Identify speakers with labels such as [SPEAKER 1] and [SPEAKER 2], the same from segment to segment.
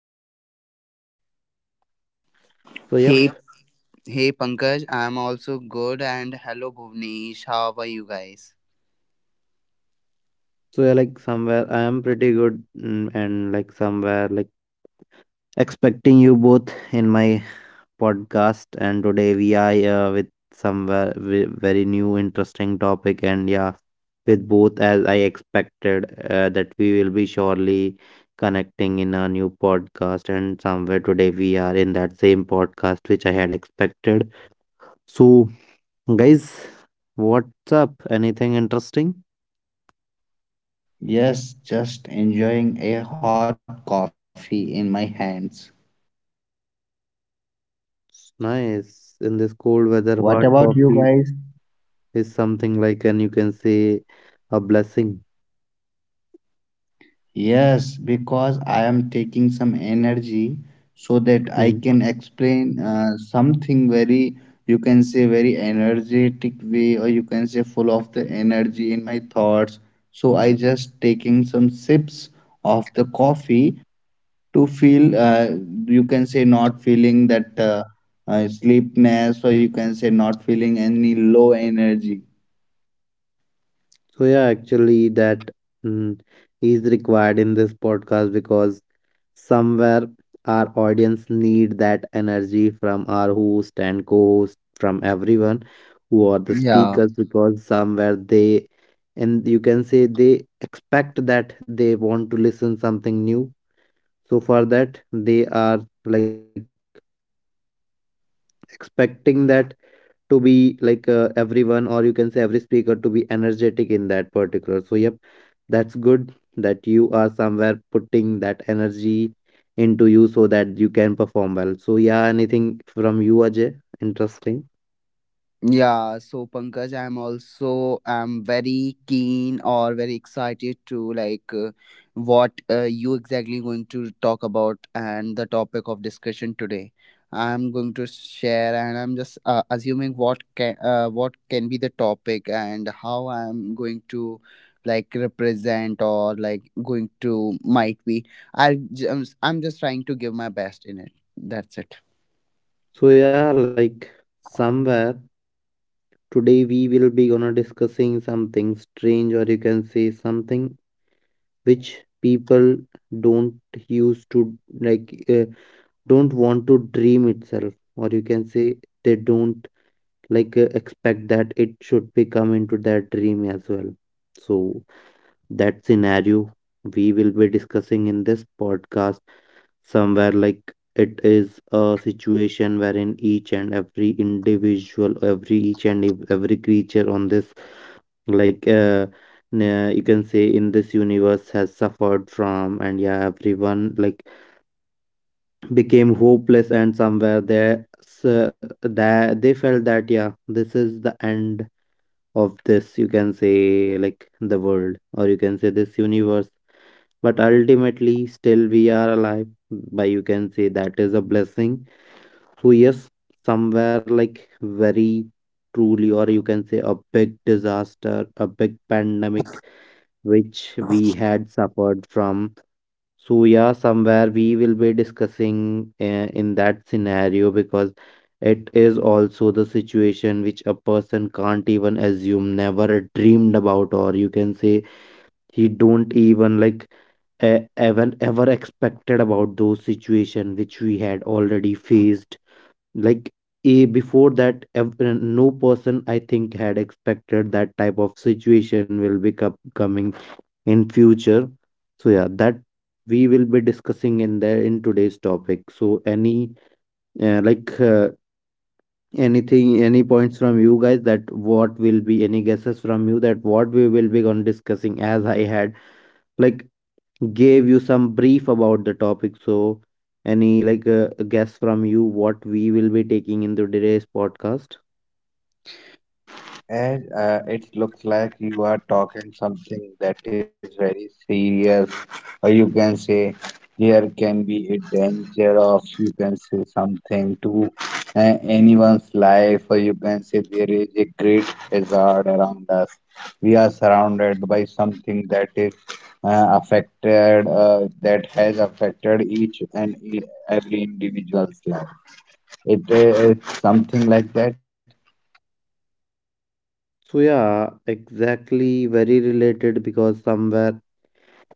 [SPEAKER 1] are you? Hello Ajay.
[SPEAKER 2] So, yep,
[SPEAKER 3] Hey, hey Pankaj, I'm also good and hello Bhuvnesh, how are you guys?
[SPEAKER 2] so yeah, like somewhere I am pretty good, and like somewhere like expecting you both in my podcast. And today we are with somewhere very new, interesting topic. And yeah, with both as I expected that we will be surely connecting in a new podcast. And somewhere today we are in that same podcast which I had expected. So, guys, what's up? Anything interesting?
[SPEAKER 1] Yes, just enjoying a hot coffee in my hands.
[SPEAKER 2] It's nice. In this cold weather,
[SPEAKER 1] What
[SPEAKER 2] hot
[SPEAKER 1] about you
[SPEAKER 2] coffee
[SPEAKER 1] guys?
[SPEAKER 2] is something like, and you can say, a blessing.
[SPEAKER 1] Yes, because I am taking some energy so that I
[SPEAKER 2] Mhm.
[SPEAKER 1] can explain something very, you can say, very energetic way, or you can say full of the energy in my thoughts. So I just taking some sips of the coffee to feel you can say not feeling that sleepiness or you can say not feeling any low energy.
[SPEAKER 2] So, yeah, actually, that mm, is required in this podcast because somewhere our audience need that energy from our host and co-host, from everyone who are the
[SPEAKER 3] Yeah.
[SPEAKER 2] speakers, because somewhere they, and you can say they expect that they want to listen something new, so for that they are like expecting that to be like everyone or you can say every speaker to be energetic in that particular, so yep, that's good that you are somewhere putting that energy into you so that you can perform well. So yeah, anything from you, Ajay, interesting?
[SPEAKER 3] Yeah, so Pankaj, I'm very keen or very excited to like what you exactly going to talk about, and the topic of discussion today. I'm going to share, and I'm just assuming what can be the topic and how I'm going to like represent or like going to might be. I'm just trying to give my best in it. That's it.
[SPEAKER 2] So yeah, like somewhere today we will be gonna discussing something strange or you can say something which people don't use to like don't want to dream itself, or you can say they don't like expect that it should be come into their dream as well. So that scenario we will be discussing in this podcast, somewhere like it is a situation wherein each and every individual, every each and every creature on this like you can say in this universe has suffered from. And yeah, everyone like became hopeless and somewhere there, so that they felt that yeah, this is the end of this, you can say, like the world, or you can say this universe. But ultimately still we are alive, by you can say that is a blessing. So yes, somewhere like very truly, or you can say a big disaster, a big pandemic which we had suffered from. So, yeah, somewhere we will be discussing in that scenario because it is also the situation which a person can't even assume, never dreamed about, or you can say he don't even like even ever expected about those situation which we had already faced. Like a before that, no person I think had expected that type of situation will be coming in future. So yeah, that we will be discussing in there in today's topic. So any uh, like uh, anything, any points from you guys, that what will be any guesses from you that what we will be on discussing, as I had like gave you some brief about the topic. So any like guess from you what we will be taking in the today's podcast?
[SPEAKER 1] And it looks like you are talking something that is very serious, or you can say there can be a danger of, you can say something to anyone's life, or you can say there is a great hazard around us. We are surrounded by something that is affected, that has affected every individual's life. It is something like that.
[SPEAKER 2] So yeah, exactly very related, because somewhere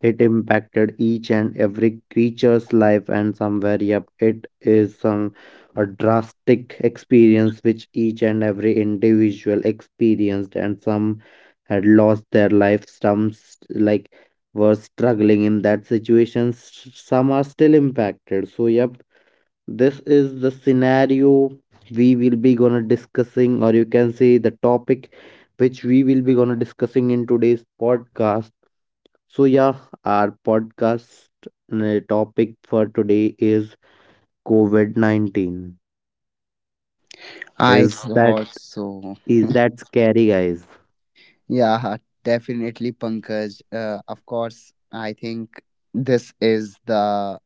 [SPEAKER 2] it impacted each and every creature's life, and somewhere, yep, it is some a drastic experience which each and every individual experienced, and some had lost their life, some like were struggling in that situation, some are still impacted. So, yep, this is the scenario we will be gonna discussing, or you can say the topic which we will be gonna discussing in today's podcast. So, yeah, our podcast topic for today is COVID 19.
[SPEAKER 3] I
[SPEAKER 2] Is that
[SPEAKER 3] thought so.
[SPEAKER 2] is that scary, guys?
[SPEAKER 3] Yeah, definitely, Pankaj. Of course, I think this is the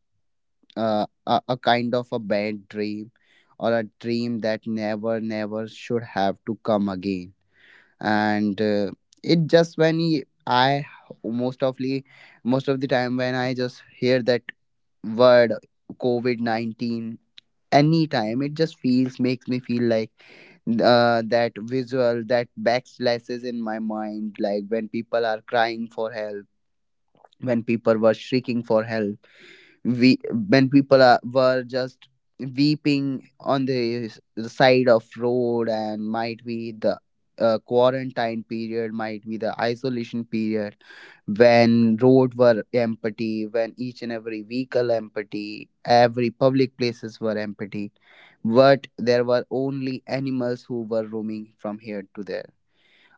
[SPEAKER 3] uh, a, a kind of a bad dream, or a dream that never, never should have to come again. And It just when I most ofly most of the time, when I just hear that word COVID 19, anytime it just feels makes me feel like that visual, that backslashes in my mind, like when people are crying for help, when people were shrieking for help, we when people were just weeping on the side of road. And might be the quarantine period, might be the isolation period, when road were empty, when each and every vehicle empty, every public places were empty, but there were only animals who were roaming from here to there.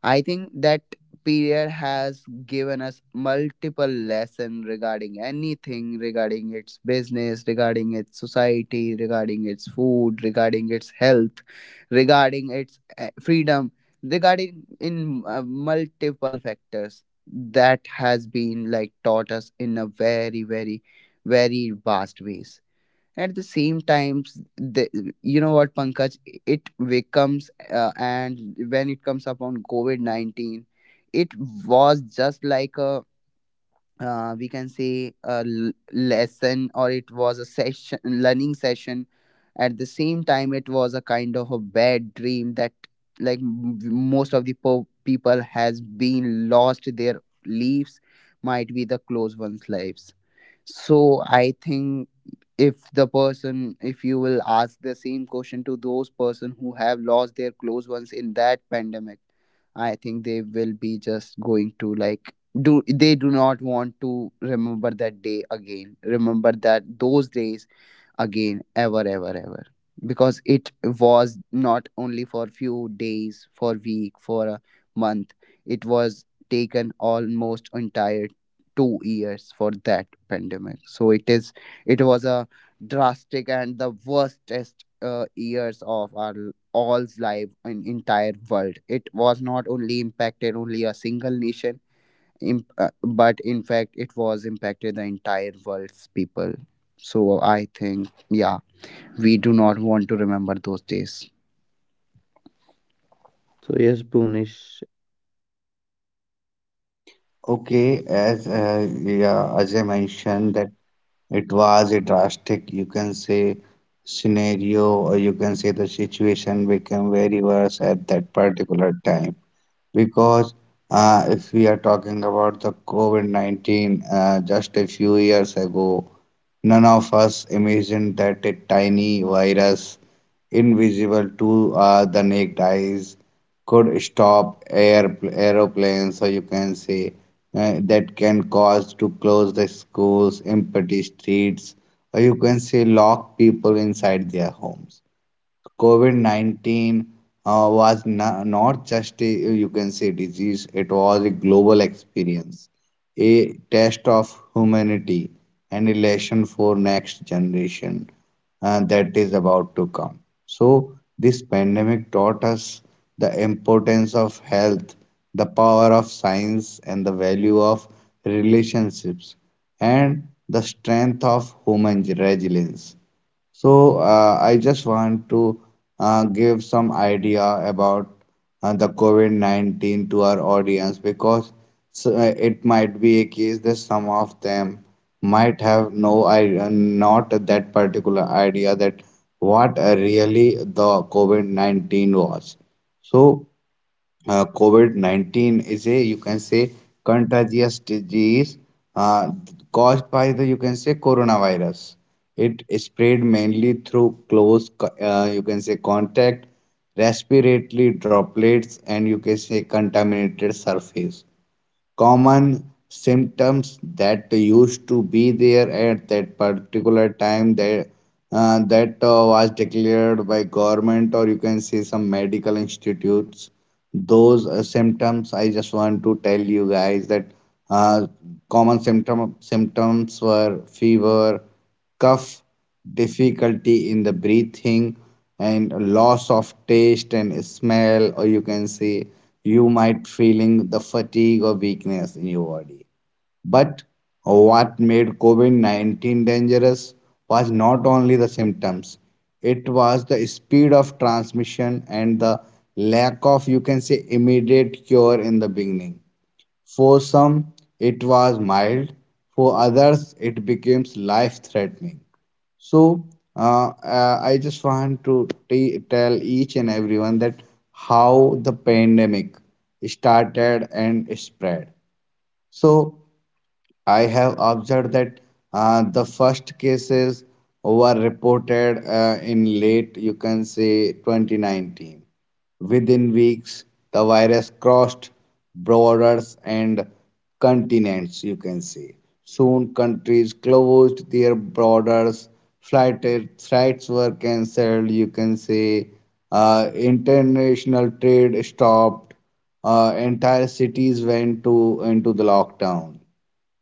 [SPEAKER 3] I think that period has given us multiple lessons, regarding anything, regarding its business, regarding its society, regarding its food, regarding its health, regarding its freedom, regarding in multiple factors, that has been like taught us in a very, very, very vast ways. At the same time, you know what, Pankaj, it becomes and when it comes upon COVID-19, it was just like a we can say a lesson, or it was a session learning session. At the same time, it was a kind of a bad dream that, like m- most of the people has been lost their lives, might be the close ones lives. So I think, if you will ask the same question to those person who have lost their close ones in that pandemic, I think they will be just going to like, do, they do not want to remember that day again, remember that those days again, ever, ever, ever. Because it was not only for few days, for week, for a month. It was taken almost entire 2 years for that pandemic. So it was a drastic and the worstest years of our all's life. In entire world, it was not only impacted only a single nation, but in fact it was impacted the entire world's people. So I think, yeah, we do not want to remember those days.
[SPEAKER 2] So, yes, Punish.
[SPEAKER 1] Okay, as yeah, as I mentioned that it was a drastic, you can say, scenario, or you can say the situation became very worse at that particular time. Because if we are talking about the COVID-19 just a few years ago, none of us imagined that a tiny virus, invisible to the naked eyes, could stop air aeroplanes, or you can say that can cause to close the schools, empty streets, or you can say lock people inside their homes. COVID-19 not just a, you can say, disease. It was a global experience, a test of humanity, and a lesson for next generation that is about to come. So, this pandemic taught us the importance of health, the power of science, and the value of relationships, and the strength of human resilience. So I just want to give some idea about the COVID-19 to our audience because it might be a case that some of them might have no idea, not that particular idea that what really the COVID-19 was. So COVID-19 is a, you can say, contagious disease uh, caused by the, you can say, coronavirus. It spread mainly through close, you can say, contact, respiratory droplets, and you can say contaminated surface. Common symptoms that used to be there at that particular time, that was declared by government or you can say some medical institutes, those symptoms I just want to tell you guys that uh, common symptoms were fever, cough, difficulty in the breathing, and loss of taste and smell, or you can say you might feeling the fatigue or weakness in your body. But what made COVID-19 dangerous was not only the symptoms, it was the speed of transmission and the lack of, you can say, immediate cure in the beginning. For some, it was mild, for others, it became life threatening. So, I just want to tell each and everyone that how the pandemic started and spread. So, I have observed that the first cases were reported in late, you can say, 2019. Within weeks, the virus crossed borders and continents, you can say. Soon, countries closed their borders, flight, flights were cancelled, you can say. International trade stopped, entire cities went to into the lockdown.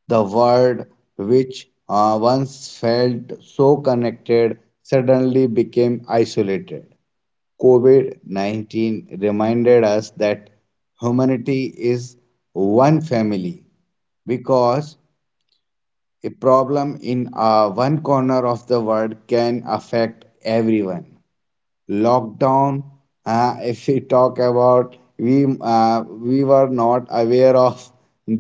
[SPEAKER 1] The world, which once felt so connected, suddenly became isolated. COVID COVID-19 reminded us that humanity is one family because a problem in one corner of the world can affect everyone. Lockdown, if we talk about, we were not aware of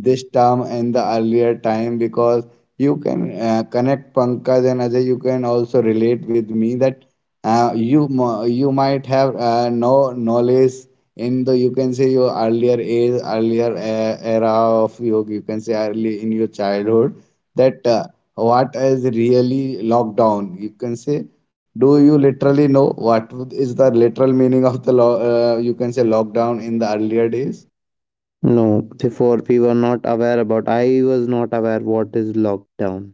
[SPEAKER 1] this term in the earlier time because you can connect Pankaj and Ajay, you can also relate with me that you might have no knowledge in the, you can say, your earlier age, earlier era of you can say early in your childhood, that what is really lockdown. You can say, do you literally know what is the literal meaning of the law? You can say lockdown in the earlier days.
[SPEAKER 2] No, before we were not aware about, I was not aware what is lockdown.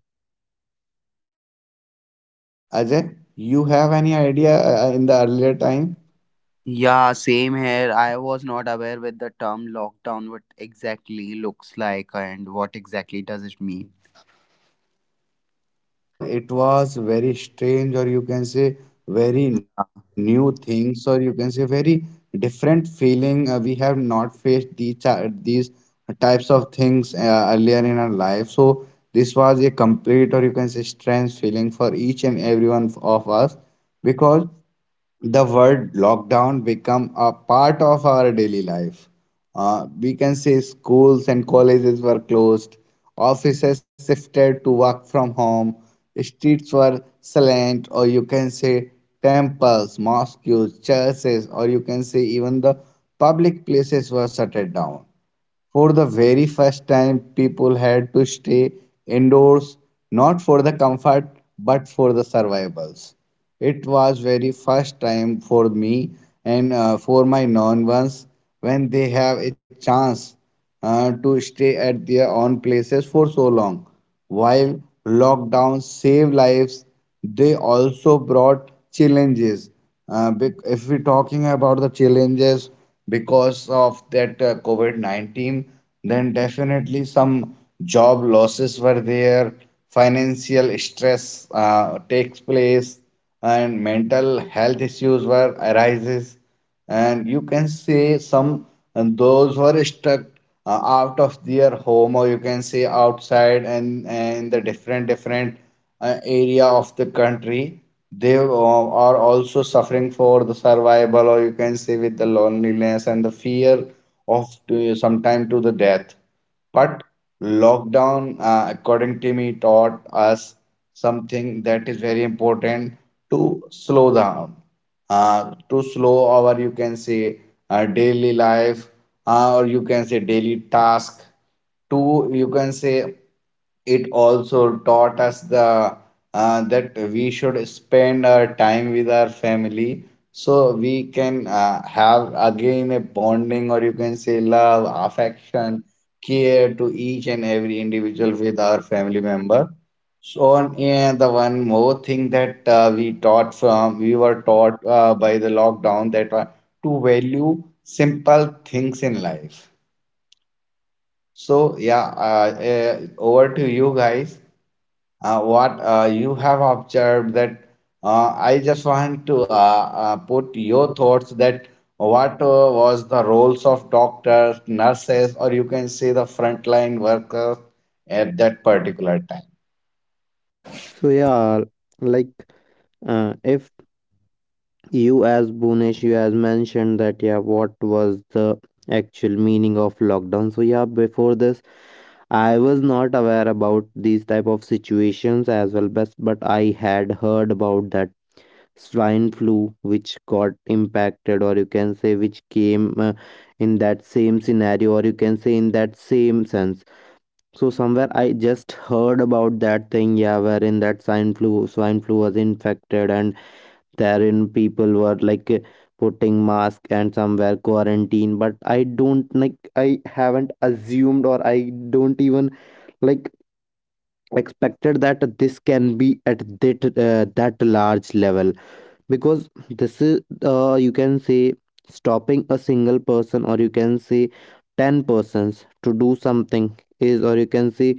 [SPEAKER 1] Ajay, you have any idea in the earlier time?
[SPEAKER 3] Yeah, same here. I was not aware with the term lockdown, what exactly looks like and what exactly does it mean.
[SPEAKER 1] Because it was very strange or you can say very new things or you can say very different feeling. We have not faced these types of things earlier in our life, so this was a complete or you can say strange feeling for each and every one of us, because the word lockdown become a part of our daily life. We can say schools and colleges were closed, offices shifted to work from home, streets were silent, or you can say temples, mosques, churches, or you can say even the public places were shut down. For the very first time, people had to stay indoors, not for the comfort, but for the survivals. It was very first time for me and for my non ones, when they have a chance to stay at their own places for so long. While lockdown saved lives, they also brought challenges. If we're talking about the challenges because of that COVID-19, then definitely some job losses were there, financial stress takes place, and mental health issues were arises, and you can see some, and those were stuck out of their home or you can say outside, and the different area of the country, they are also suffering for the survival, or you can say with the loneliness and the fear of sometime to the death. But lockdown, according to me, taught us something that is very important: to slow down, to slow our, you can say, daily life, or you can say daily task, to, you can say, it also taught us the that we should spend our time with our family, so we can have again a bonding, or you can say love, affection, care to each and every individual with our family member. So, and the one more thing that we were taught by the lockdown, that to value simple things in life. So yeah, over to you guys. What you have observed that I just want to put your thoughts that what was the roles of doctors, nurses, or you can say the frontline workers at that particular time.
[SPEAKER 2] So, yeah, like if you as Bhunesh, you has mentioned that yeah, what was the actual meaning of lockdown? So yeah, before this, I was not aware about these type of situations as well, but I had heard about that swine flu, which got impacted, or you can say which came in that same scenario, or you can say in that same sense. So somewhere I just heard about that thing, yeah, wherein that swine flu was infected, and therein people were like putting mask and somewhere quarantine. But I don't like, I haven't assumed, or I don't even like expected that this can be at that that large level, because this is you can say stopping a single person, or you can say 10 persons to do something, is or you can say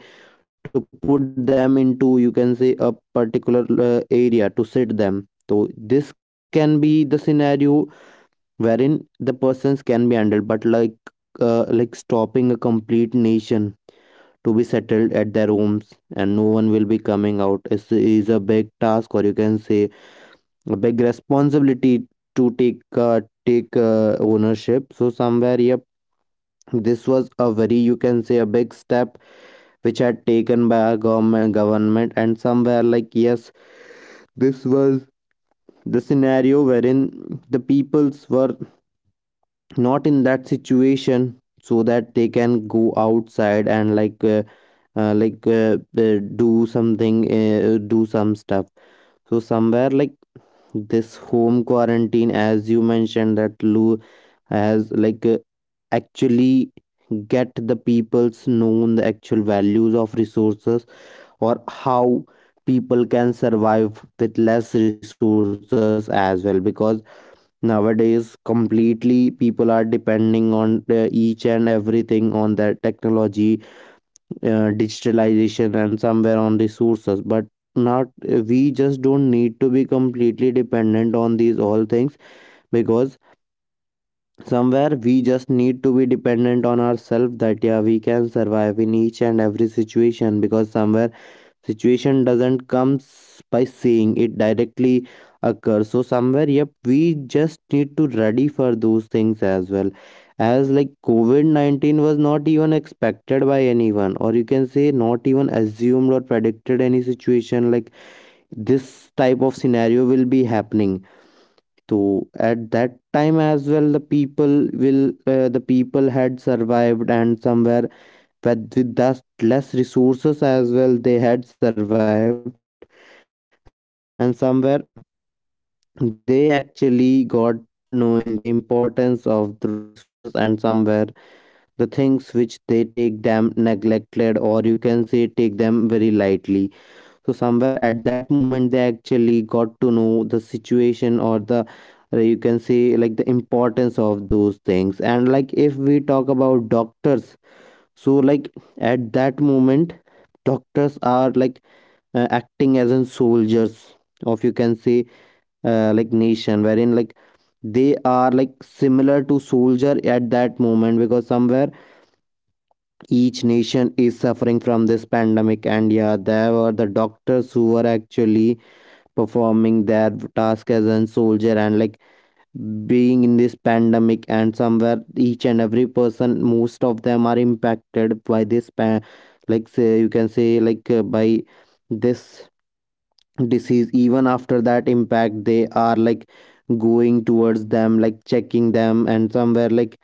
[SPEAKER 2] to put them into, you can say, a particular area to sit them. So this can be the scenario wherein the persons can be handled, but like stopping a complete nation to be settled at their homes and no one will be coming out. It is a big task, or you can say a big responsibility to take uh, ownership. So somewhere, yep, this was a very, you can say, a big step which had taken by our government. And somewhere like yes, this was the scenario wherein the peoples were not in that situation so that they can go outside and like do something, do some stuff. So somewhere like this home quarantine, as you mentioned that lou, has like actually get the people's known the actual values of resources, or how people can survive with less resources as well, because nowadays completely people are depending on their each and everything on their technology, digitalization and somewhere on resources. But not, we just don't need to be completely dependent on these all things, because somewhere we just need to be dependent on ourselves, that yeah, we can survive in each and every situation, because somewhere situation doesn't comes by saying, it directly occurs. So somewhere, yep, we just need to ready for those things as well, as like COVID-19 was not even expected by anyone, or you can say not even assumed or predicted any situation like this type of scenario will be happening. So at that time as well, the people will the people had survived, and somewhere with thus less resources as well, they had survived. And somewhere they actually got knowing the importance of the resources, and somewhere the things which they take them neglected, or you can say take them very lightly. So somewhere at that moment they actually got to know the situation, or the you can say like the importance of those things. And like if we talk about doctors, so like at that moment doctors are like acting as in soldiers of, you can say, like nation, wherein like they are like similar to soldier at that moment, because somewhere each nation is suffering from this pandemic, and yeah, there were the doctors who were actually performing their task as a soldier. And like being in this pandemic, and somewhere each and every person, most of them are impacted by this like say, you can say like by this disease. Even after that impact, they are like going towards them, like checking them, and somewhere like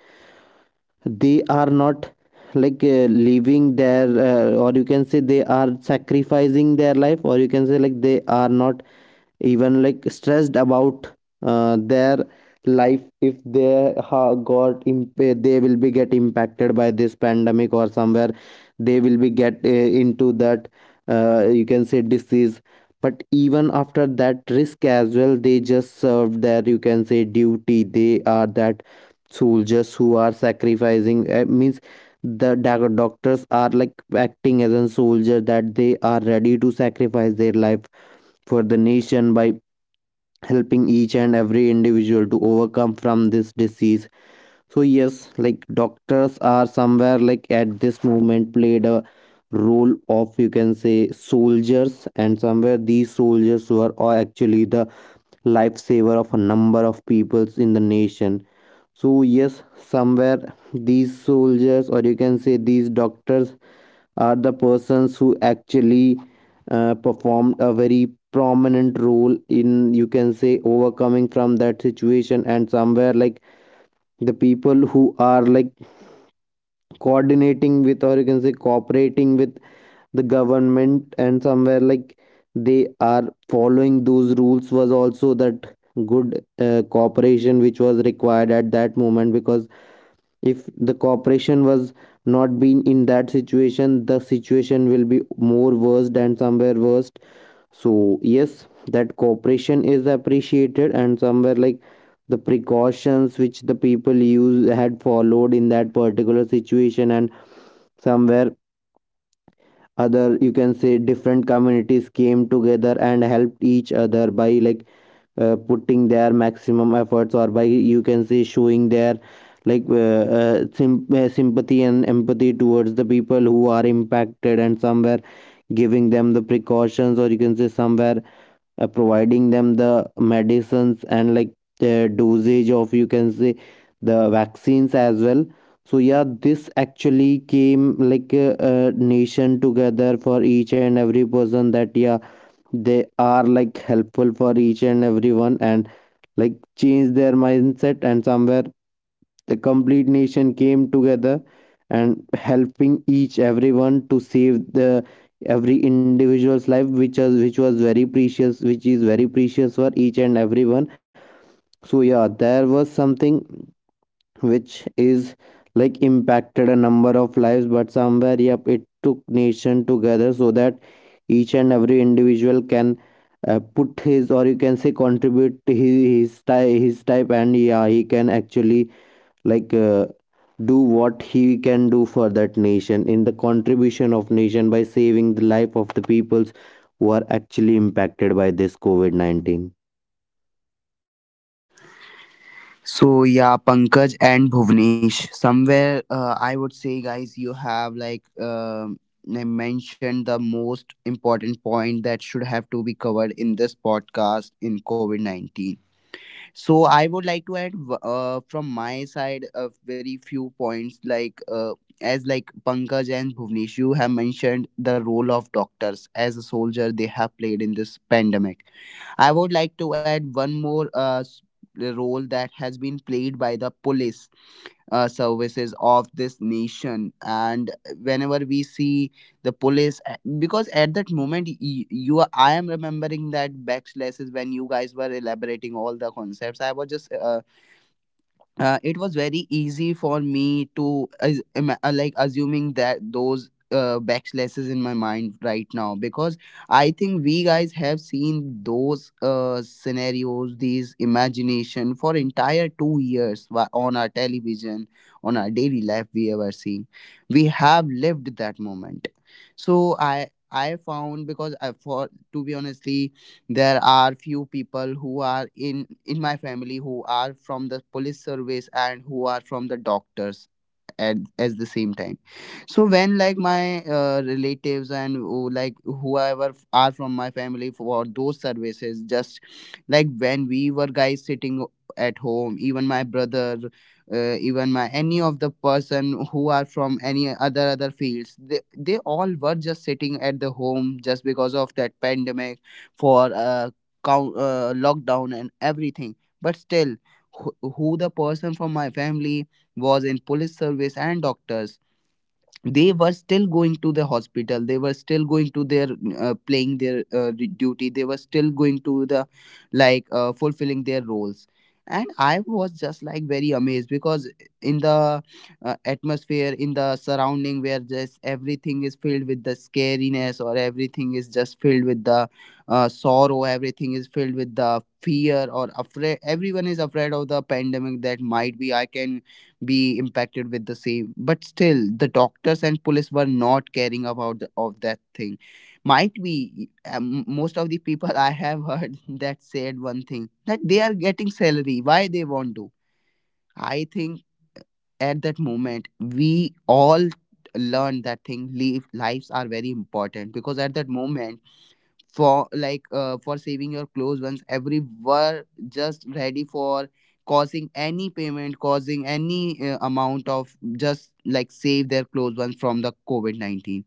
[SPEAKER 2] they are not like leaving their or you can say they are sacrificing their life, or you can say like they are not even like stressed about their life, if they they will be get impacted by this pandemic, or somewhere they will be get into that you can say disease. But even after that risk as well, they just served their, you can say, duty. They are that soldiers who are sacrificing means the doctors are like acting as a soldier, that they are ready to sacrifice their life for the nation by helping each and every individual to overcome from this disease. So yes, like doctors are somewhere like at this moment played a role of, you can say, soldiers. And somewhere these soldiers were all actually the lifesaver of a number of peoples in the nation. So yes, somewhere these soldiers, or you can say these doctors, are the persons who actually performed a very prominent role in, you can say, overcoming from that situation. And somewhere like the people who are like coordinating with, or you can say cooperating with, the government, and somewhere like they are following those rules, was also that good cooperation which was required at that moment, because if the corporation was not been in that situation, the situation will be more worse and somewhere worse. So yes, that cooperation is appreciated. And somewhere like the precautions which the people use had followed in that particular situation, and somewhere other, you can say, different communities came together and helped each other by like putting their maximum efforts, or by, you can say, showing their like sympathy and empathy towards the people who are impacted. And somewhere giving them the precautions, or you can say somewhere providing them the medicines, and like the dosage of, you can say, the vaccines as well. So yeah, this actually came like a nation together for each and every person, that yeah, they are like helpful for each and everyone, and like change their mindset. And somewhere the complete nation came together and helping each everyone to save the every individual's life, which was very precious, which is very precious for each and everyone. So yeah, there was something which is like impacted a number of lives, but somewhere, yep, it took nation together so that each and every individual can put his, or you can say contribute his, his type, and yeah, he can actually like do what he can do for that nation, in the contribution of nation by saving the life of the peoples who are actually impacted by this COVID-19.
[SPEAKER 3] So yeah, Pankaj and Bhuvnesh. Somewhere, I would say, guys, you have like I mentioned the most important point that should have to be covered in this podcast in COVID 19. So I would like to add from my side a very few points, like as like Pankaj and Bhuvneshu have mentioned the role of doctors as a soldier they have played in this pandemic. I would like to add one more role that has been played by the police services of this nation. And whenever we see the police, because at that moment, I am remembering that backslashes when you guys were elaborating all the concepts. I was just It was very easy for me to like assuming that those backslashes in my mind right now. Because I think we guys have seen those scenarios, these imagination for entire 2 years on our television, on our daily life we ever seen. We have lived that moment. So I found, because I for to be honestly, there are few people who are in my family who are from the police service and who are from the doctors at the same time. So when like my relatives and like whoever are from my family for those services, just like when we were guys sitting at home, even my brother, even my any of the person who are from any other fields, they all were just sitting at the home just because of that pandemic, for lockdown and everything. But still, who the person from my family was in police service and doctors, they were still going to the hospital, they were still going to their playing their duty. They were still going to the like fulfilling their roles. And I was just like very amazed, because in the atmosphere, in the surrounding where just everything is filled with the scariness, or everything is just filled with the sorrow, everything is filled with the fear or afraid, everyone is afraid of the pandemic that might be I can be impacted with the same. But still the doctors and police were not caring about of that thing. Might be, most of the people, I have heard that said one thing, that they are getting salary, why they want to. I think at that moment we all learned that thing. Leave, lives are very important, because at that moment, for like for saving your close ones, every were just ready for causing any payment, causing any amount, of just like save their close ones from the COVID-19.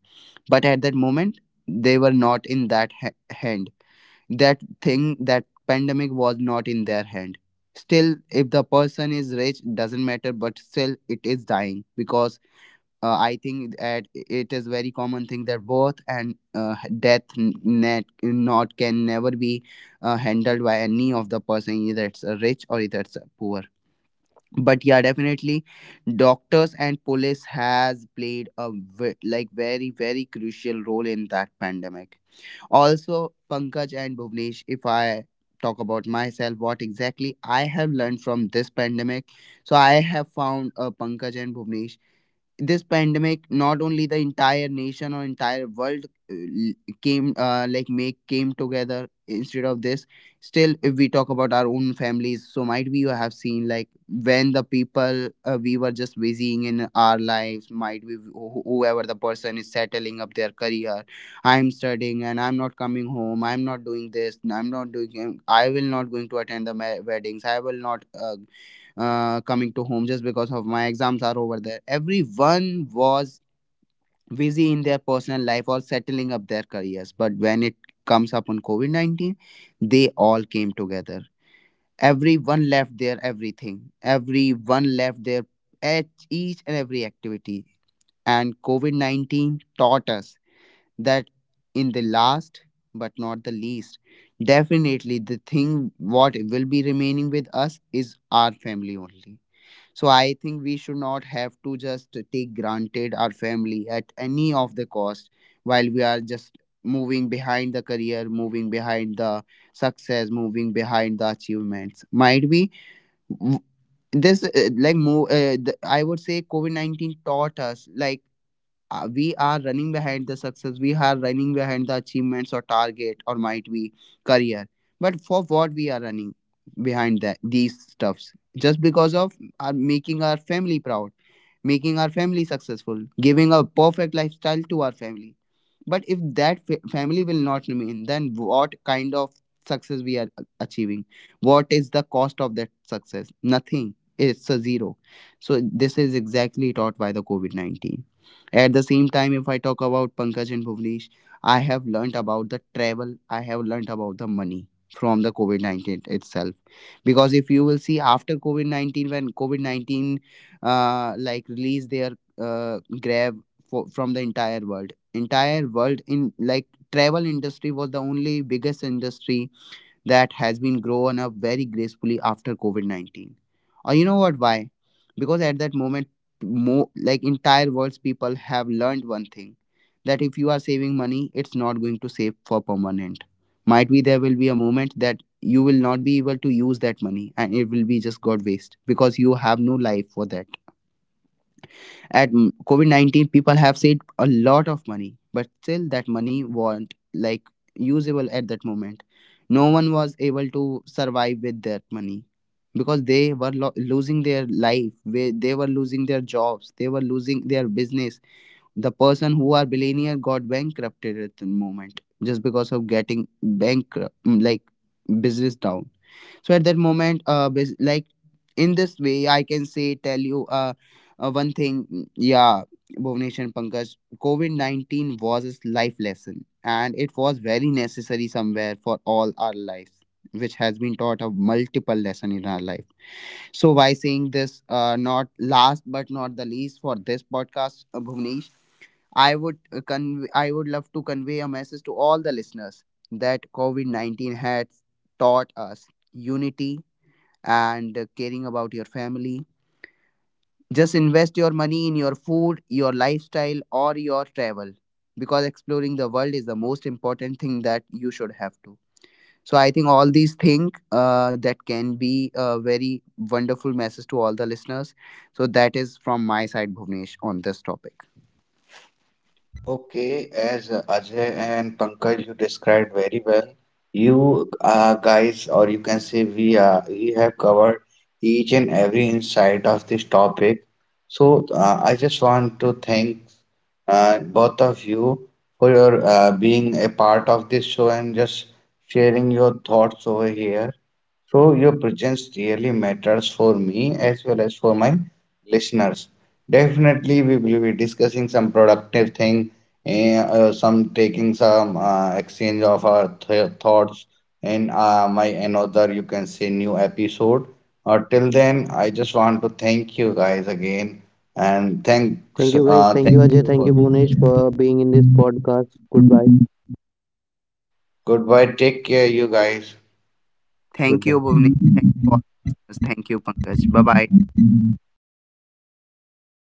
[SPEAKER 3] But at that moment, they were not in that hand, that thing, that pandemic was not in their hand. Still if the person is rich, doesn't matter, but still it is dying. Because I think that it is very common thing that birth and death, n- net not can never be handled by any of the person, either it's a rich or either it's a poor. But yeah, definitely, doctors and police has played a very, very crucial role in that pandemic. Also, Pankaj and Bhuvnesh, if I talk about myself, what exactly I have learned from this pandemic. So I have found, Pankaj and Bhuvnesh, this pandemic, not only the entire nation or entire world l- came like make came together. Instead of this, still if we talk about our own families, so might we have seen, like when the people, we were just busying in our lives, might we whoever the person is settling up their career. I'm studying, and I'm not coming home, I'm not doing this, I'm not doing, I will not going to attend the weddings, I will not coming to home, just because of my exams are over there. Everyone was busy in their personal life or settling up their careers. But when it comes upon COVID 19, they all came together. Everyone left their everything, everyone left their each and every activity. And COVID 19 taught us that, in the last but not the least, definitely the thing what will be remaining with us is our family only. So I think we should not have to just take granted our family at any of the cost, while we are just moving behind the career, moving behind the success, moving behind the achievements. Might be w- this like more. I would say COVID 19 taught us like, we are running behind the success, we are running behind the achievements or target or might be career. But for what we are running behind that these stuffs, just because of our making our family proud, making our family successful, giving a perfect lifestyle to our family. But if that family will not remain, then what kind of success we are achieving, what is the cost of that success? Nothing, it's a zero. So this is exactly taught by the COVID-19. At the same time, if I talk about Pankaj and Bhuvnesh, I have learnt about the travel, I have learnt about the money from the COVID 19 itself. Because if you will see after COVID 19, when COVID 19 like released their grab from the entire world in, like travel industry was the only biggest industry that has been grown up very gracefully after COVID 19. Or you know what? Why? Because at that moment, more like entire world's people have learned one thing, that if you are saving money, it's not going to save for permanent. Might be there will be a moment that you will not be able to use that money, and it will be just got waste because you have no life for that. At COVID-19, people have saved a lot of money, but still that money weren't like usable at that moment. No one was able to survive with that money, because they were losing their life, where they were losing their jobs, they were losing their business. The person who are billionaire got bankrupted at the moment, just because of getting bankrupt, like business down. So at that moment, in this way, I can say tell you, one thing. Yeah, Bhuvnesh and Pankaj, COVID-19 was a life lesson, and it was very necessary somewhere for all our lives, which has been taught a multiple lesson in our life. So by saying this, not last but not the least for this podcast, Bhuvnesh, I would love to convey a message to all the listeners, that COVID-19 has taught us unity and caring about your family. Just invest your money in your food, your lifestyle, or your travel, because exploring the world is the most important thing that you should have to. So I think all these things that can be a very wonderful message to all the listeners. So that is from my side, Bhuvnesh, on this topic.
[SPEAKER 1] Okay, as Ajay and Pankaj, you described very well, you guys, or you can say we have covered each and every insight of this topic. So I just want to thank both of you for your being a part of this show and just sharing your thoughts over here. So your presence really matters for me as well as for my listeners. Definitely, we will be discussing some productive thing, some taking some exchange of our th thoughts in my another, you can say, new episode. Till then, I just want to thank you guys again and
[SPEAKER 2] Thank you guys, thank you Ajay,
[SPEAKER 1] thank you
[SPEAKER 2] thank you
[SPEAKER 1] for being
[SPEAKER 2] bunesh for
[SPEAKER 1] here.
[SPEAKER 2] being in this podcast. Goodbye.
[SPEAKER 1] Goodbye. Take care, you guys.
[SPEAKER 3] Thank you,
[SPEAKER 2] Goodbye.
[SPEAKER 3] Bhuvnesh. Thank you all the listeners. Thank you, Pankaj. Bye bye.